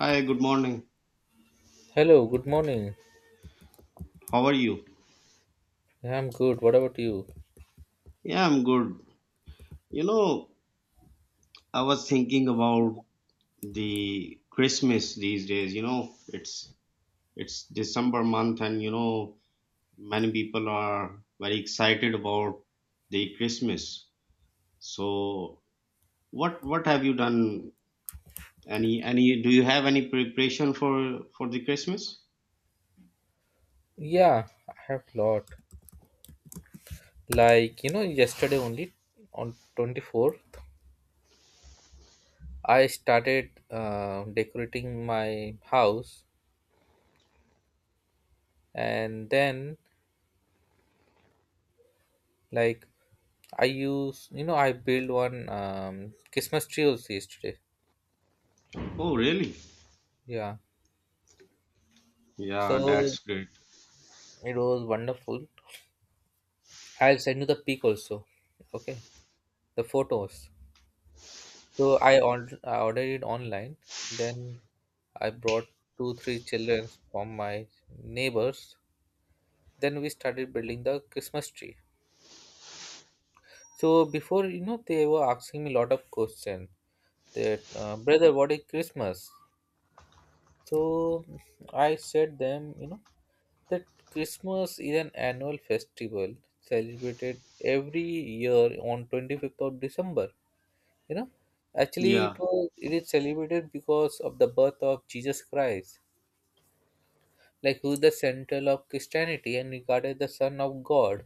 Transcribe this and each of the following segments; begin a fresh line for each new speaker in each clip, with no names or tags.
Hi, good morning.
Hello, good morning.
How are you?
Yeah, I'm good. What about you?
Yeah, I'm good. You know, I was thinking about the Christmas these days. You know, it's December month and many people are very excited about the Christmas. So, what have you done? Any, do you have any preparation for the Christmas?
Yeah, I have lot. Yesterday only on 24th, I started decorating my house and then like I use, I built one Christmas tree also yesterday.
Oh, really?
Yeah.
Yeah,
So
that's great.
it was wonderful. I'll send you the pic also. Okay. The photos. I ordered it online. Then I brought two, three children from my neighbors. Then we started building the Christmas tree. So before you know, they were asking me a lot of questions. That brother, what is Christmas? So I said them, that Christmas is an annual festival celebrated every year on 25th of December. You know, actually
Yeah,
it is celebrated because of the birth of Jesus Christ, like who is the central of Christianity and regarded the Son of God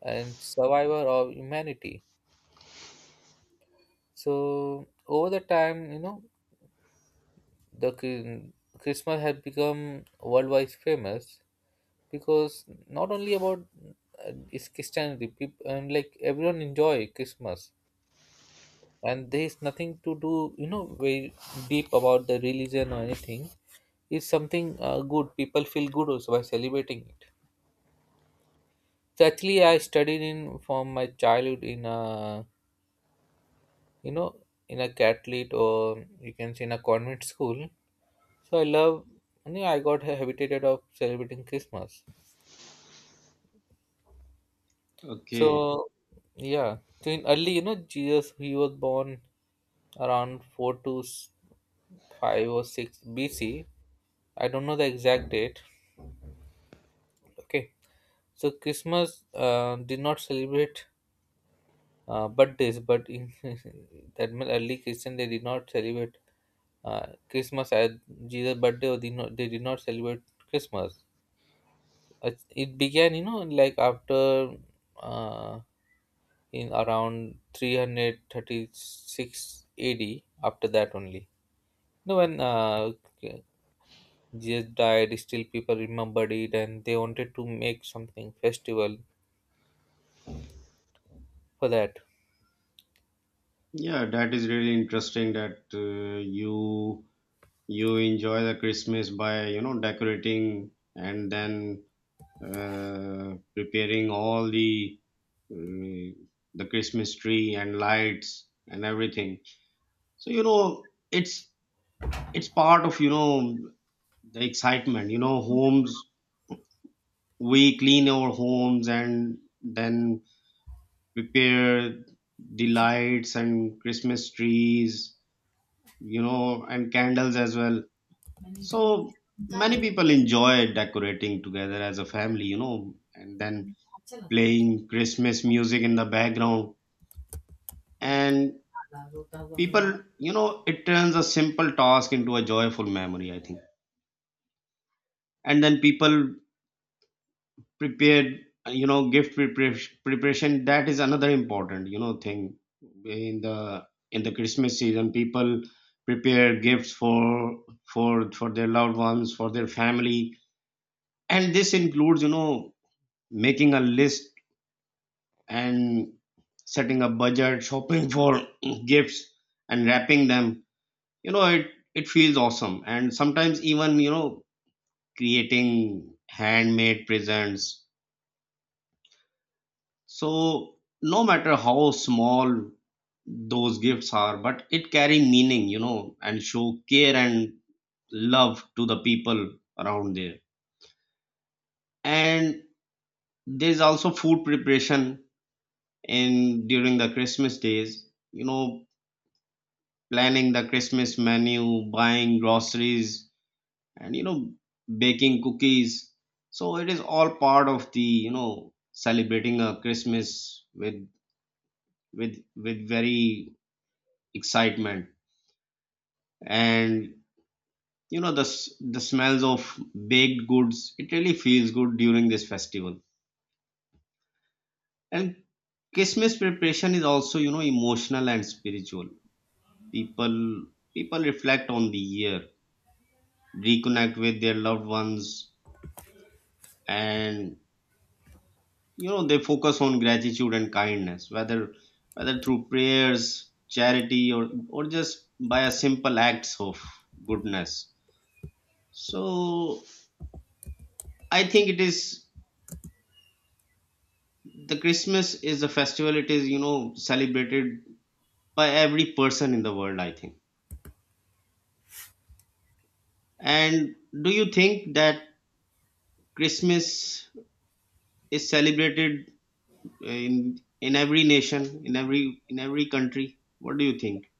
and survivor of humanity. So over the time, you know, the Chri- Christmas has become worldwide famous because not only about is Christianity, people and like everyone enjoy Christmas, and there is nothing to do, you know, very deep about the religion or anything. It's something good. People feel good also by celebrating it. So actually, I studied in from my childhood in a you know in a Catholic, or you can say in a convent school. So I love. I mean, I got habitated of celebrating Christmas.
okay.
So yeah. So in early, you know, Jesus he was born around five or six BC. I don't know the exact date. Okay. So Christmas did not celebrate birthdays, but in that meant early Christian they did not celebrate Christmas as Jesus' birthday, or did not they did not celebrate Christmas. It began, you know, like after uh, in around 336 AD. After that only, no, when Jesus died, still people remembered it, and they wanted to make something festival for that.
Yeah, that is really interesting that you you enjoy the Christmas by decorating and then preparing all uh, the Christmas tree and lights and everything. So it's part of the excitement. You know, homes, we clean our homes and then prepare the lights and Christmas trees, you know, and candles as well. So many people enjoy decorating together as a family, you know, and then playing Christmas music in the background. And people, you know, it turns a simple task into a joyful memory, I think. And then people prepared, you know, preparation. That is another important, you know, thing in the in the Christmas season. People prepare gifts for their loved ones, for their family, and this includes, you know, making a list and setting a budget, shopping for gifts and wrapping them. You know, it feels awesome. And sometimes even, you know, creating handmade presents. So no matter how small those gifts are, but it carry meaning, you know, and show care and love to the people around there. And there's also food preparation in during the Christmas days. You know, planning the Christmas menu, buying groceries, and, you know, baking cookies. So it is all part of the, you know, celebrating a Christmas with with very excitement and, you know, the smells of baked goods. It really feels good during this festival. And Christmas preparation is also, you know, emotional and spiritual. People people reflect on the year, reconnect with their loved ones, and, you know, they focus on gratitude and kindness, whether through prayers, charity, or just by a simple acts of goodness. So I think it is, the Christmas is a festival, it is, you know, celebrated by every person in the world, I think. And do you think that Christmas is celebrated in every nation, in every, in every country? What do you think?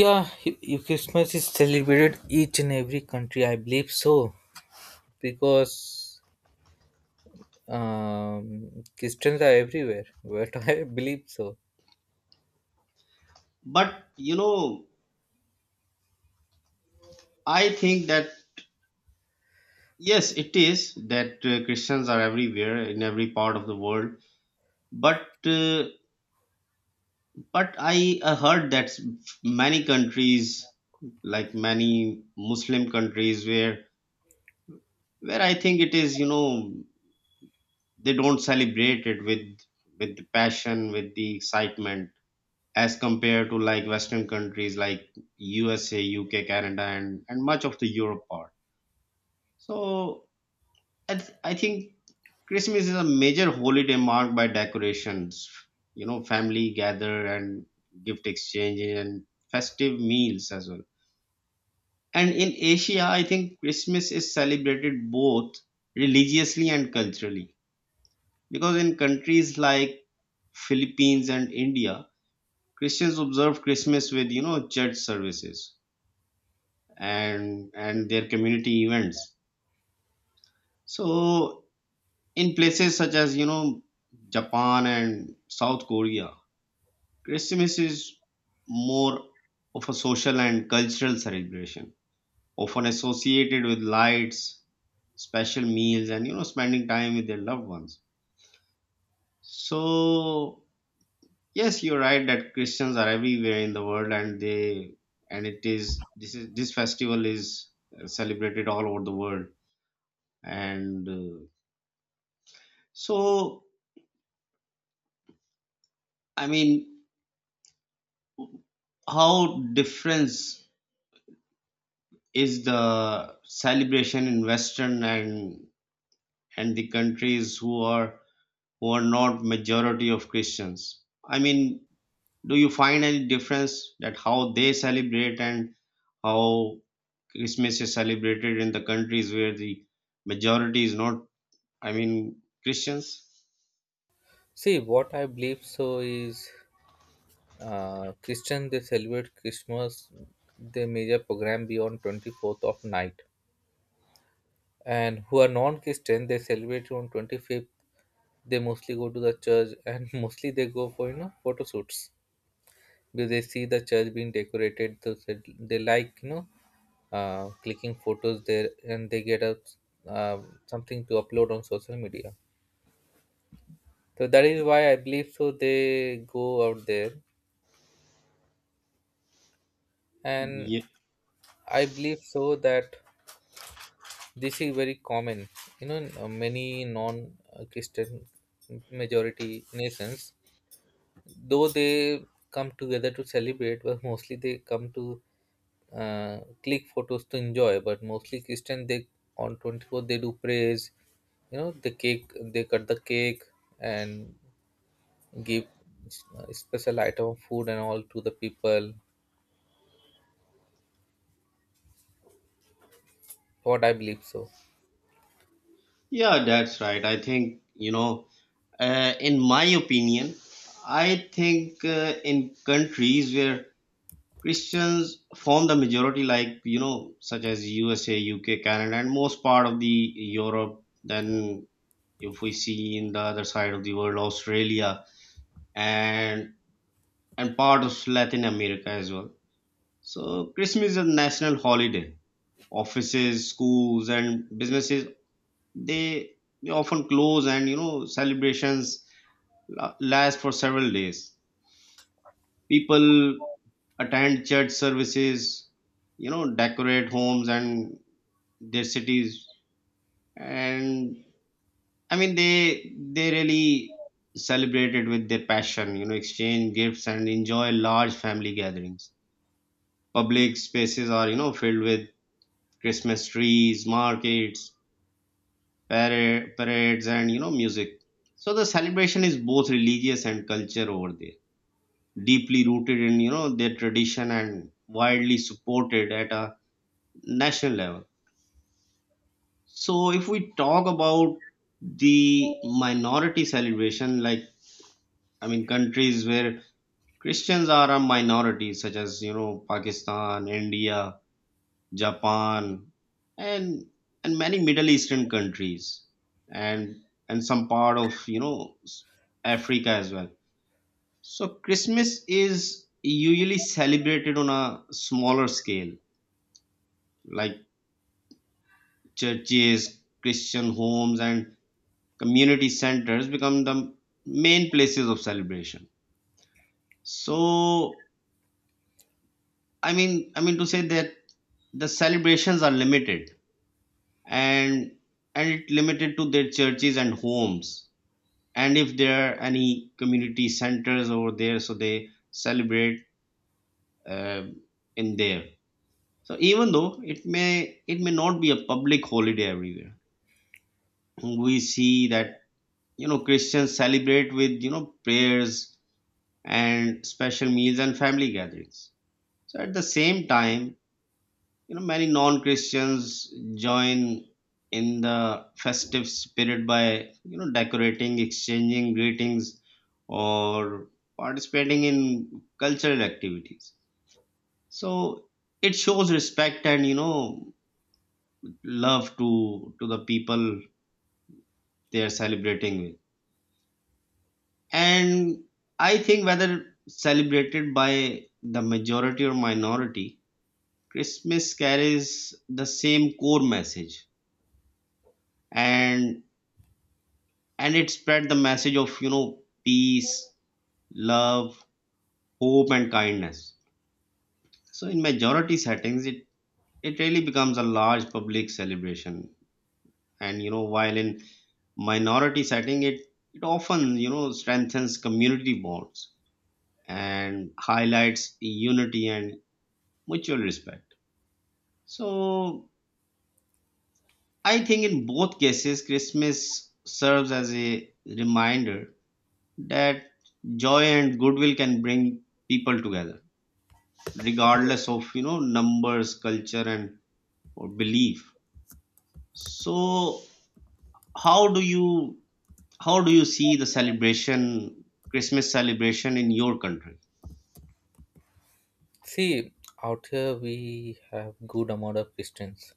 Christmas is celebrated each and every country, I believe so, because Christians are everywhere. What I believe so.
But you know, I think that yes, it is, that Christians are everywhere in every part of the world. But uh, but I heard that many countries, like many Muslim countries, where I think it is, you know, they don't celebrate it with the passion, with the excitement, as compared to like Western countries like USA, UK, Canada, and much of the Europe part. So I think Christmas is a major holiday marked by decorations, you know, family gather and gift exchange and festive meals as well. And in Asia, I think Christmas is celebrated both religiously and culturally because in countries like Philippines and India, Christians observe Christmas with, you know, church services and their community events. So in places such as, you know, Japan and South Korea, Christmas is more of a social and cultural celebration, often associated with lights, special meals, and, you know, spending time with their loved ones. So yes, you're right that Christians are everywhere in the world, and they, and it is, this is, this festival is celebrated all over the world and so I mean, how different is the celebration in Western and the countries who are, who are not majority of Christians. I mean, do you find any difference that how they celebrate and how Christmas is celebrated in the countries where the majority is not, I mean, Christians?
See, what I believe so is Christian they celebrate Christmas, their major program be on 24th of night, and who are non-Christian they celebrate on 25th. They mostly go to the church and mostly they go for you know photo shoots, because they see the church being decorated so they like you know clicking photos there, and they get a uh, something to upload on social media. So that is why I believe so they go out there. And
Yeah,
I believe so that this is very common, you know. Many non-Christian majority nations, though they come together to celebrate, but mostly they come to click photos, to enjoy. But mostly Christian, they on 24 they do praise, you know, the cake, they cut the cake and give special item of food and all to the people, what I believe so.
yeah, that's right. I think, you know, in my opinion, I think in countries where Christians form the majority, like, you know, such as USA, UK, Canada, and most part of the Europe. Then, if we see in the other side of the world, Australia and part of Latin America as well. So Christmas is a national holiday. Offices, schools, and businesses, they they often close, and, you know, celebrations last for several days. People attend church services, you know, decorate homes and their cities and, I mean, they really celebrated with their passion, you know, exchange gifts and enjoy large family gatherings. Public spaces are, you know, filled with Christmas trees, markets, parades, and, you know, music. So the celebration is both religious and culture over there, deeply rooted in, you know, their tradition and widely supported at a national level. So if we talk about the minority celebration, like, I mean, countries where Christians are a minority, such as, you know, Pakistan, India, Japan, and many Middle Eastern countries, and some part of, you know, Africa as well. So Christmas is usually celebrated on a smaller scale, like churches, Christian homes, and community centers become the main places of celebration. So I mean, to say that the celebrations are limited, and and it limited to their churches and homes, and if there are any community centers over there, so they celebrate uh, in there. So even though it may, it may not be a public holiday everywhere, we see that, you know, Christians celebrate with, you know, prayers and special meals and family gatherings. So at the same time, you know, many non-Christians join in the festive spirit by, you know, decorating, exchanging greetings, or participating in cultural activities. So it shows respect and, you know, love to the people they are celebrating with. And I think whether celebrated by the majority or minority, Christmas carries the same core message, and and it spread the message of, you know, peace, love, hope and kindness. So in majority settings, it really becomes a large public celebration, and, you know, while in minority setting, it often, you know, strengthens community bonds and highlights unity and mutual respect. So I think in both cases, Christmas serves as a reminder that joy and goodwill can bring people together regardless of, you know, numbers, culture, and or belief. So how do you how do you see the celebration, Christmas celebration in your country?
See, out here we have good amount of Christians,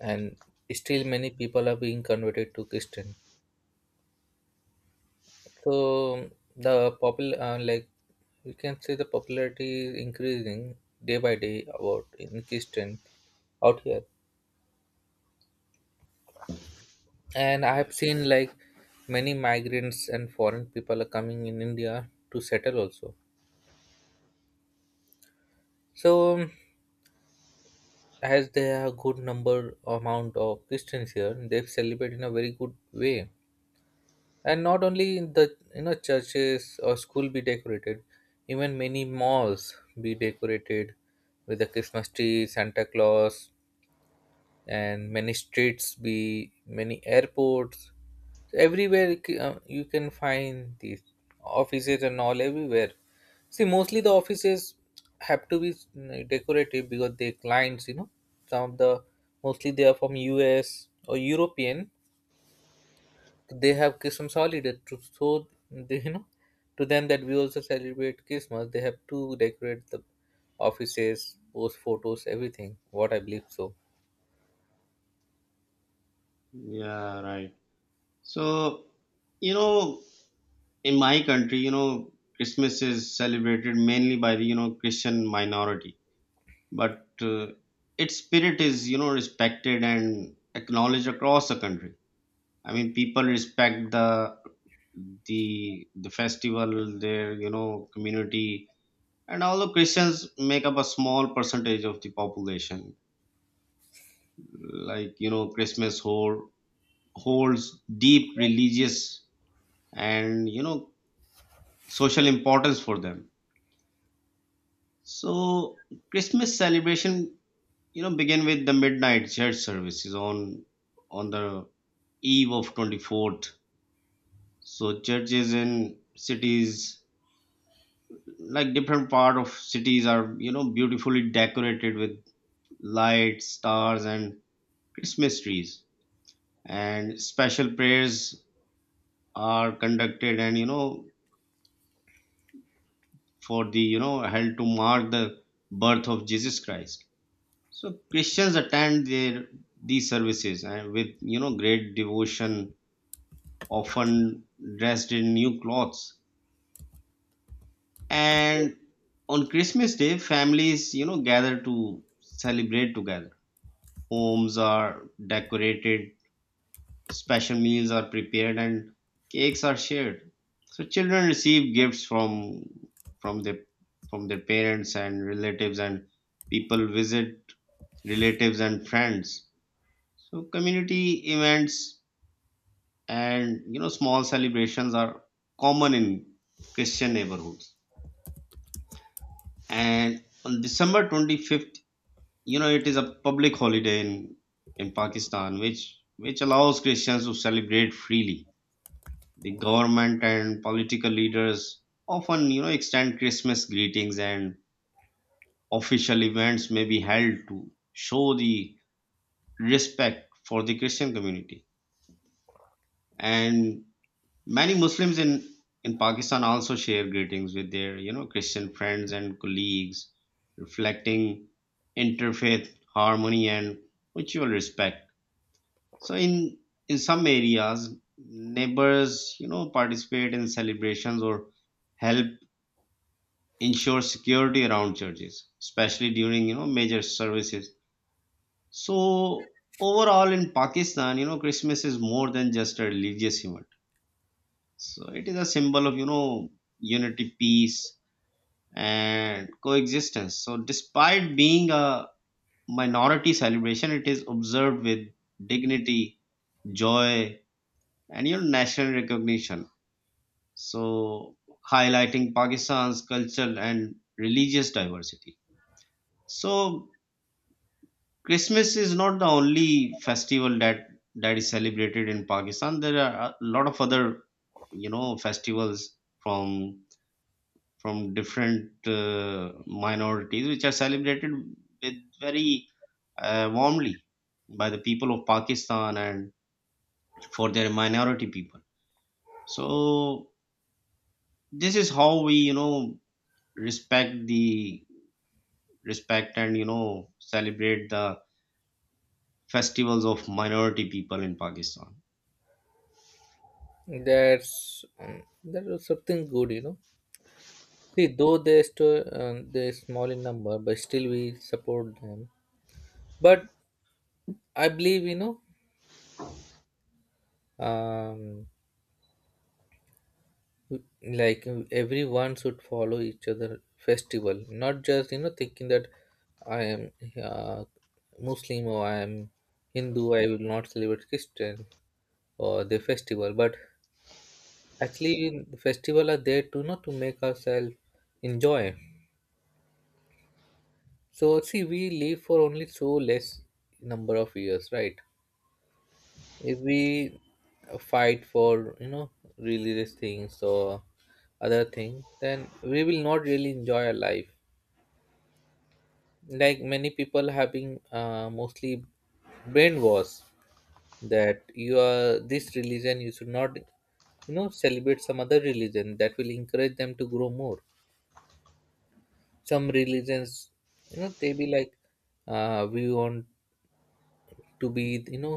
and still many people are being converted to Christian. So the popular like you can say the popularity is increasing day by day about in Christian out here. And I have
Yeah,
seen like many migrants and foreign people are coming in India to settle also. So as there are good number amount of Christians here, they celebrate in a very good way, and not only in the, you know, churches or school be decorated, even many malls be decorated with the Christmas tree, Santa Claus, and many streets be, many airports. So everywhere you you can find these, offices and all everywhere. See, mostly the offices have to be decorative because their clients, you know, some of the, mostly they are from US or European, they have Christmas holiday to, so they, you know, to them that we also celebrate Christmas, they have to decorate the offices, post photos, everything, what I believe so.
yeah, right. So you know, in my country, you know, Christmas is celebrated mainly by the, you know, Christian minority, but its spirit is, you know, respected and acknowledged across the country. I mean, people respect the the festival, their, you know, community, and although Christians make up a small percentage of the population, like, you know, holds deep religious and, you know, social importance for them. So Christmas celebration, you know, begin with the midnight church services on the eve of 24th. So churches in cities, like different part of cities, are, you know, beautifully decorated with lights, stars, and its mysteries, and special prayers are conducted and, you know, for the, you know, held to mark the birth of Jesus Christ. So Christians attend their these services and with, you know, great devotion, often dressed in new clothes. And on Christmas day, families, you know, gather to celebrate together. Homes are decorated, special meals are prepared, and cakes are shared. So children receive gifts from from their their parents and relatives, and people visit relatives and friends. So community events and, you know, small celebrations are common in Christian neighborhoods. And on December 25th, you know, it is a public holiday in Pakistan, which allows Christians to celebrate freely. The government and political leaders often, you know, extend Christmas greetings, and official events may be held to show the respect for the Christian community. And many Muslims in Pakistan also share greetings with their, you know, Christian friends and colleagues, reflecting interfaith harmony and mutual respect. So in some areas, neighbors, you know, participate in celebrations or help ensure security around churches, especially during, you know, major services. So overall, in Pakistan, you know, Christmas is more than just a religious event. So it is a symbol of, you know, unity, peace, and coexistence. So despite being a minority celebration, it is observed with dignity, joy, and your national recognition, so highlighting Pakistan's cultural and religious diversity. So Christmas is not the only festival that that is celebrated in Pakistan. There are a lot of other, you know, festivals from different minorities which are celebrated with very warmly by the people of Pakistan and for their minority people. So this is how we, you know, respect the, respect and, you know, celebrate the festivals of minority people in Pakistan.
That's that was something good, you know. See, though they still they're small in number, but still we support them. But I believe, you know, um, like everyone should follow each other festival, not just you know thinking that I am uh, Muslim, or I am Hindu, I will not celebrate Christian or the festival. But actually, the festival are there to not to make ourselves enjoy. So see, we live for only so less number of years, right? If we fight for you know religious things or other thing, then we will not really enjoy our life. Like many people having mostly brainwash that you are this religion, you should not you know celebrate some other religion, that will encourage them to grow more. Some religions, you know, they be like, we want to be, you know,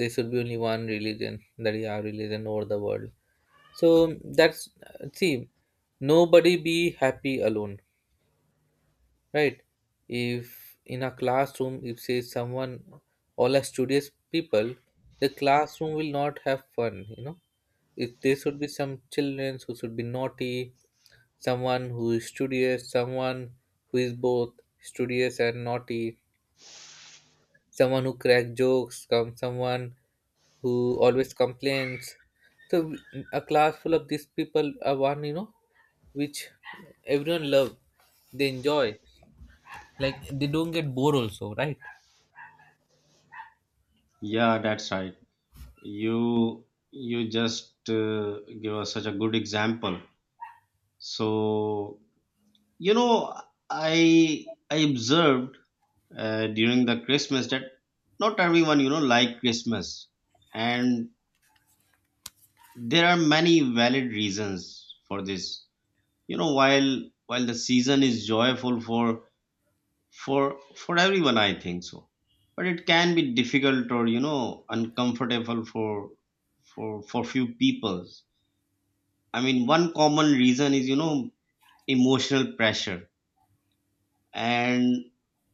there should be only one religion, that is our religion over the world. So that's, see, nobody be happy alone, right? If in a classroom, if say someone, all are studious people, the classroom will not have fun, you know. If there should be some children who should be naughty, someone who is studious, someone who is both studious and naughty, someone who crack jokes, come someone who always complains. So a class full of these people are one, you know, which everyone love, they enjoy. Like they don't get bored also, right?
Yeah, that's right. you you just give us such a good example, so you know I observed during the Christmas that not everyone, you know, like Christmas, and there are many valid reasons for this, you know. While the season is joyful for for everyone, I think so, but it can be difficult or, you know, uncomfortable for for few people. I mean, one common reason is, you know, emotional pressure. And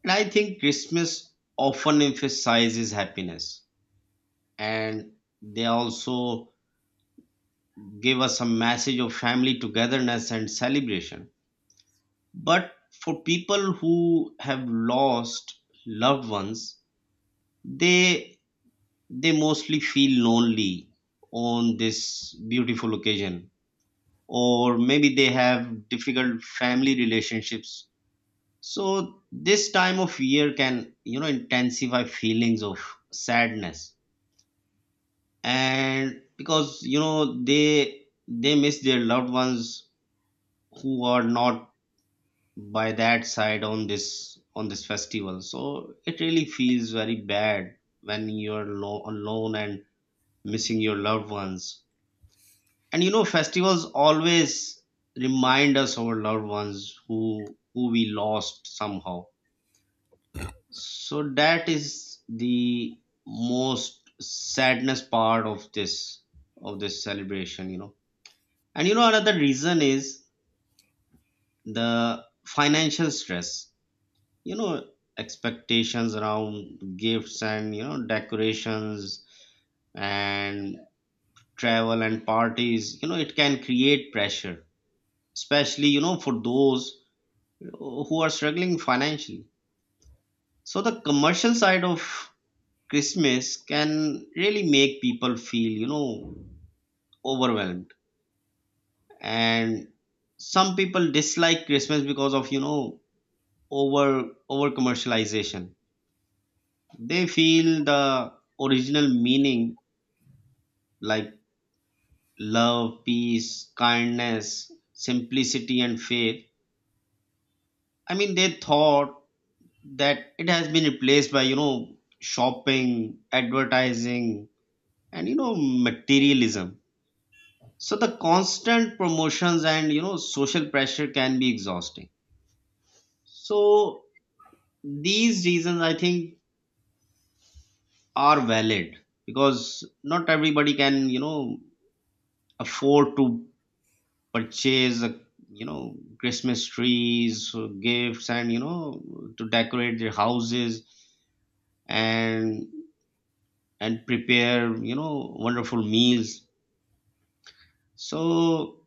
I think Christmas often emphasizes happiness. And they also give us a message of family togetherness and celebration. But for people who have lost loved ones, they they mostly feel lonely on this beautiful occasion, or maybe they have difficult family relationships. So this time of year can, you know, intensify feelings of sadness, and because, you know, they miss their loved ones who are not by that side on this festival. So it really feels very bad when you're alone and missing your loved ones. And you know, festivals always remind us our loved ones who we lost somehow. So that is the most sadness part of this celebration, you know. And you know another reason is the financial stress. You know, expectations around gifts and, you know, decorations and travel and parties, you know, it can create pressure, especially, you know, for those who are struggling financially. So the commercial side of Christmas can really make people feel, you know, overwhelmed. And some people dislike Christmas because of, you know, over commercialization. They feel the original meaning, like love, peace, kindness, simplicity and faith. I mean, they thought that it has been replaced by, you know, shopping, advertising and, you know, materialism. So the constant promotions and, you know, social pressure can be exhausting. So these reasons, I think, are valid because not everybody can, you know, afford to purchase a, you know, Christmas trees, gifts, and, you know, to decorate their houses and prepare, you know, wonderful meals. So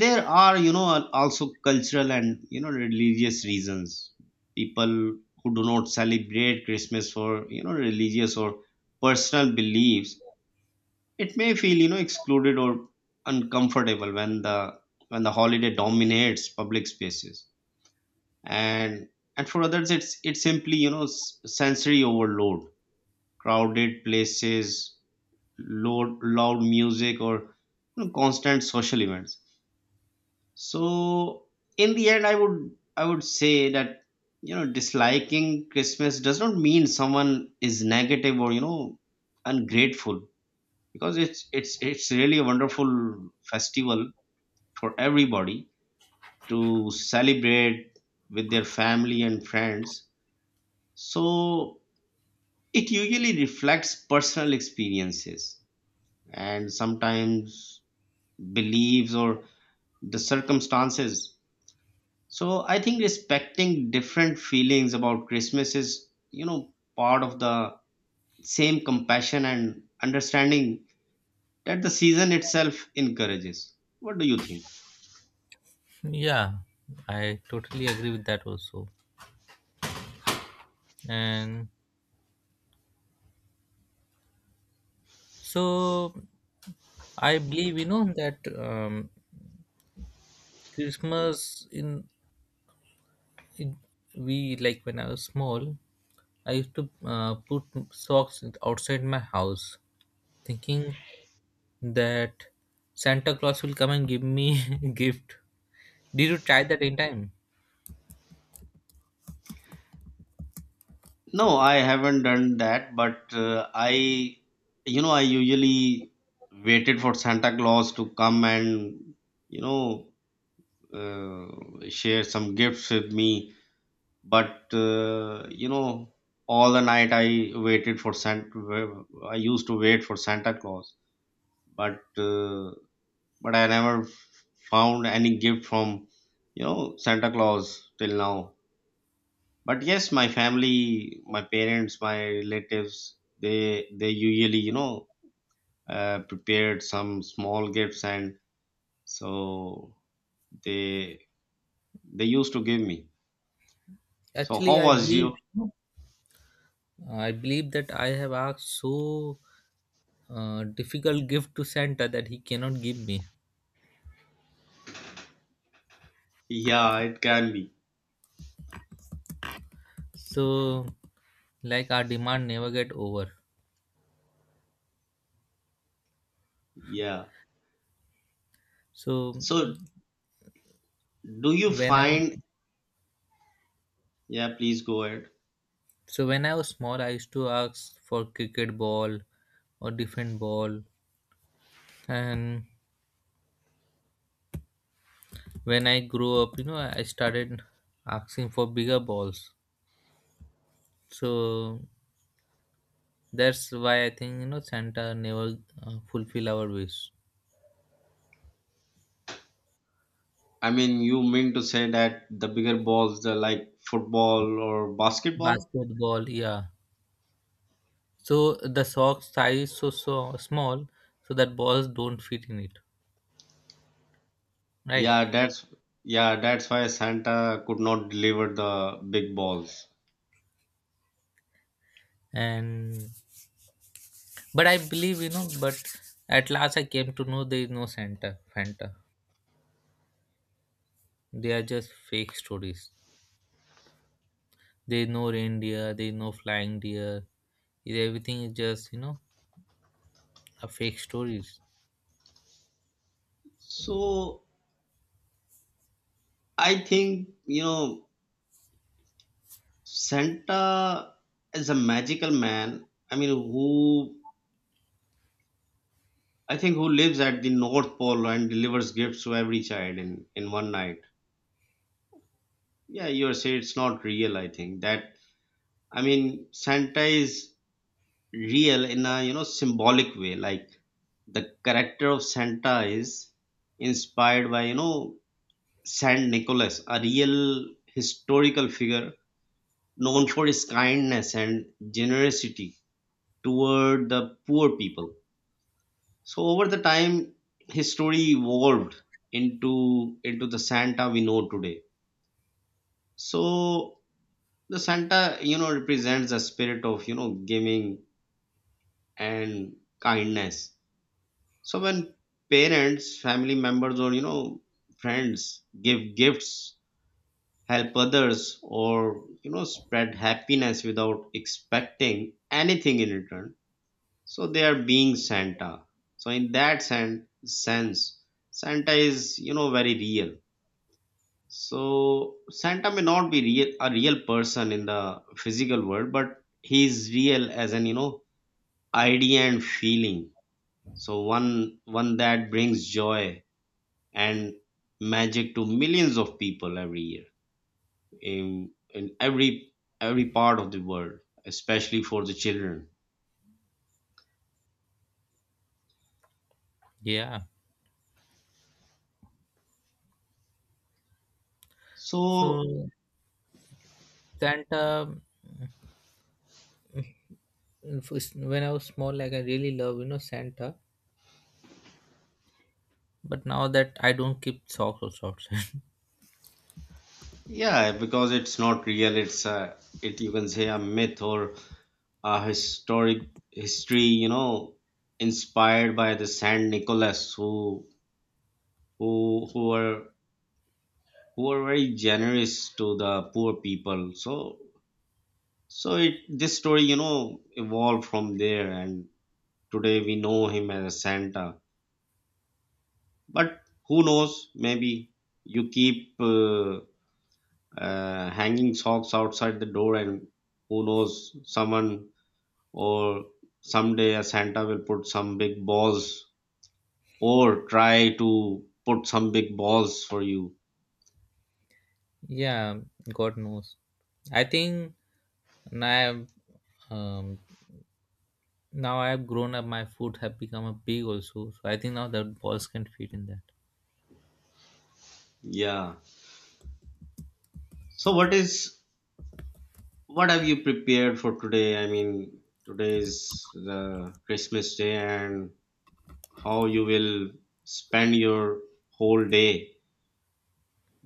there are, you know, also cultural and, you know, religious reasons. People who do not celebrate Christmas, for you know religious or personal beliefs, it may feel, you know, excluded or uncomfortable when the holiday dominates public spaces. And for others, it's simply, you know, sensory overload, crowded places, loud music, or you know, constant social events. So in the end, I would say that, you know, disliking Christmas does not mean someone is negative or, you know, ungrateful, because it's it's really a wonderful festival for everybody to celebrate with their family and friends. So it usually reflects personal experiences and sometimes beliefs or the circumstances. So I think respecting different feelings about Christmas is, you know, part of the same compassion and understanding that the season itself encourages. What do you think?
Yeah, I totally agree with that also. And so I believe you know that Christmas in we like when I was small, I used to put socks outside my house, thinking that Santa Claus will come and give me gift. Did you try that in time?
No, I haven't done that, but I, I usually waited for Santa Claus to come and, you know, share some gifts with me. But all the night I waited for Santa. I used to wait for Santa Claus, but I never found any gift from, you know, Santa Claus till now. But yes, my family, my parents, my relatives, they usually, you know, prepared some small gifts, and so they they used to give me. So
Actually,
how was you?
I believe that I have asked so difficult gift to Santa that he cannot give me.
Yeah, it can be.
So, like our demand never get over.
Yeah.
So
So do you
when I
find, yeah, please go ahead.
so when I was small, I used to ask for cricket ball or different ball. And when I grew up, you know, I started asking for bigger balls. So that's why I think you know Santa never fulfill our wish.
I mean, you mean to say that the bigger balls, the like football or basketball?
Basketball, yeah. So the sock size so so small, so that balls don't fit in it, right?
Yeah, that's, yeah, that's why Santa could not deliver the big balls.
And but I believe you know. But at last, I came to know there is no Santa, Fanta. They are just fake stories. There is no reindeer. There is no flying deer. Everything is just you know a fake stories.
So I think, you know, Santa is a magical man. I mean, who, I think, who lives at the North Pole and delivers gifts to every child in one night. Yeah, you are saying it's not real, I think. That, I mean, Santa is real in a, you know, symbolic way, like the character of Santa is inspired by, you know, Saint Nicholas, a real historical figure known for his kindness and generosity toward the poor people. So over the time, his story evolved into into the Santa we know today. So the Santa, you know, represents the spirit of, you know, giving and kindness. So when parents, family members, or, you know, friends give gifts, help others, or, you know, spread happiness without expecting anything in return, so they are being Santa. So in that sense, Santa is, you know, very real. So Santa may not be real, a real person in the physical world, but he is real as an, you know, idea and feeling. So one that brings joy and magic to millions of people every year in every part of the world, especially for the children.
Yeah. So
So
Santa when I was small, like I really love you know Santa, but now that I don't keep socks or shorts.
yeah, because it's not real, it's a, it, you can say, a myth or a historic history, you know, inspired by the Saint Nicholas who were who were very generous to the poor people. So so it this story, you know, evolved from there, and today we know him as Santa. But who knows, maybe you keep hanging socks outside the door, and who knows, someone or someday a Santa will put some big balls or try to put some big balls for you.
Yeah, God knows. I think now, um, I've grown up. My foot have become a big also, so I think now that balls can fit in that.
Yeah. So what is, what have you prepared for today? I mean, today is the Christmas day, and how you will spend your whole day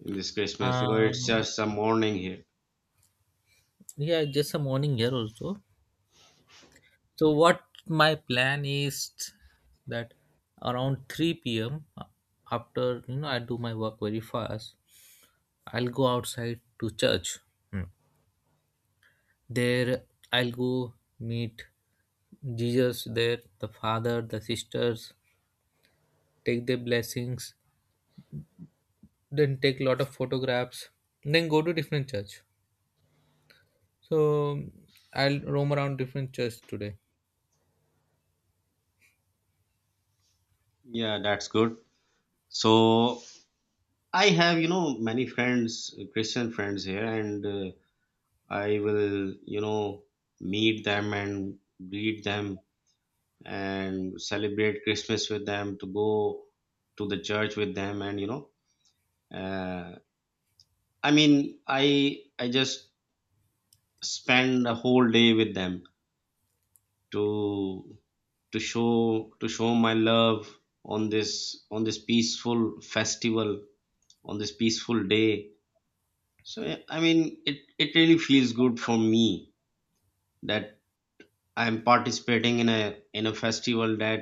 in this Christmas? Because it's
Um,
just a morning here.
yeah, just a morning here also. So what my plan is that around 3 p.m., after you know I do my work very fast, I'll go outside to church. Hmm. There, I'll go meet Jesus there, the father, the sisters, take their blessings, then take a lot of photographs, then go to different church. So I'll roam around different church today.
Yeah, that's good. So I have, you know, many friends, Christian friends here, and I will, you know, meet them and greet them and celebrate Christmas with them, to go to the church with them, and you know, uh, I mean, I just spend a whole day with them to show to show my love on this peaceful festival, on this peaceful day. So yeah, I mean, it really feels good for me that I'm participating in a festival that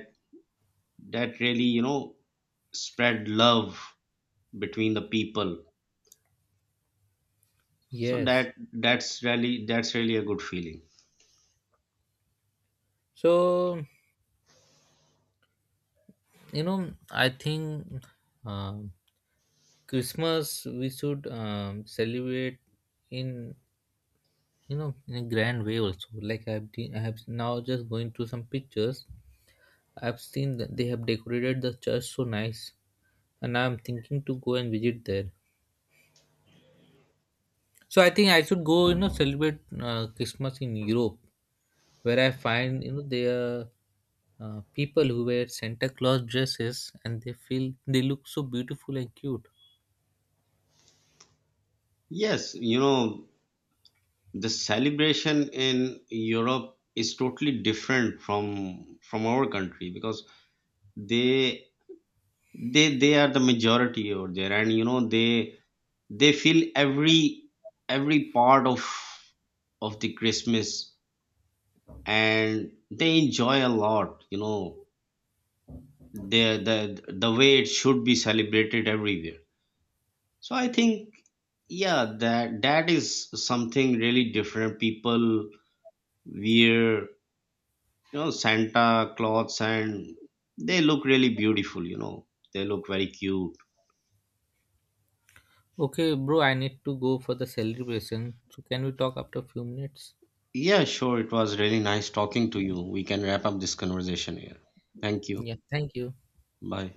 that really, you know, spread love between the people. So
Yes.
that's really a good feeling.
So you know, I think um Christmas we should celebrate in you know in a grand way also. I have now just going through some pictures. I've seen that they have decorated the church so nice, and I'm thinking to go and visit there. So I think I should go, you know, celebrate Christmas in Europe, where I find, you know, there are people who wear Santa Claus dresses, and they feel they look so beautiful and cute.
Yes, you know, the celebration in Europe is totally different from our country, because they they are the majority over there, and you know, they feel every part of the Christmas, and they enjoy a lot, you know, the the way it should be celebrated everywhere. So I think, yeah, that that is something really different. People wear, you know, Santa clothes, and they look really beautiful, you know, they look very cute.
Okay, bro, I need to go for the celebration. So can we talk after a few minutes?
Yeah, sure. It was really nice talking to you. We can wrap up this conversation here. Thank you.
Yeah, thank you.
Bye.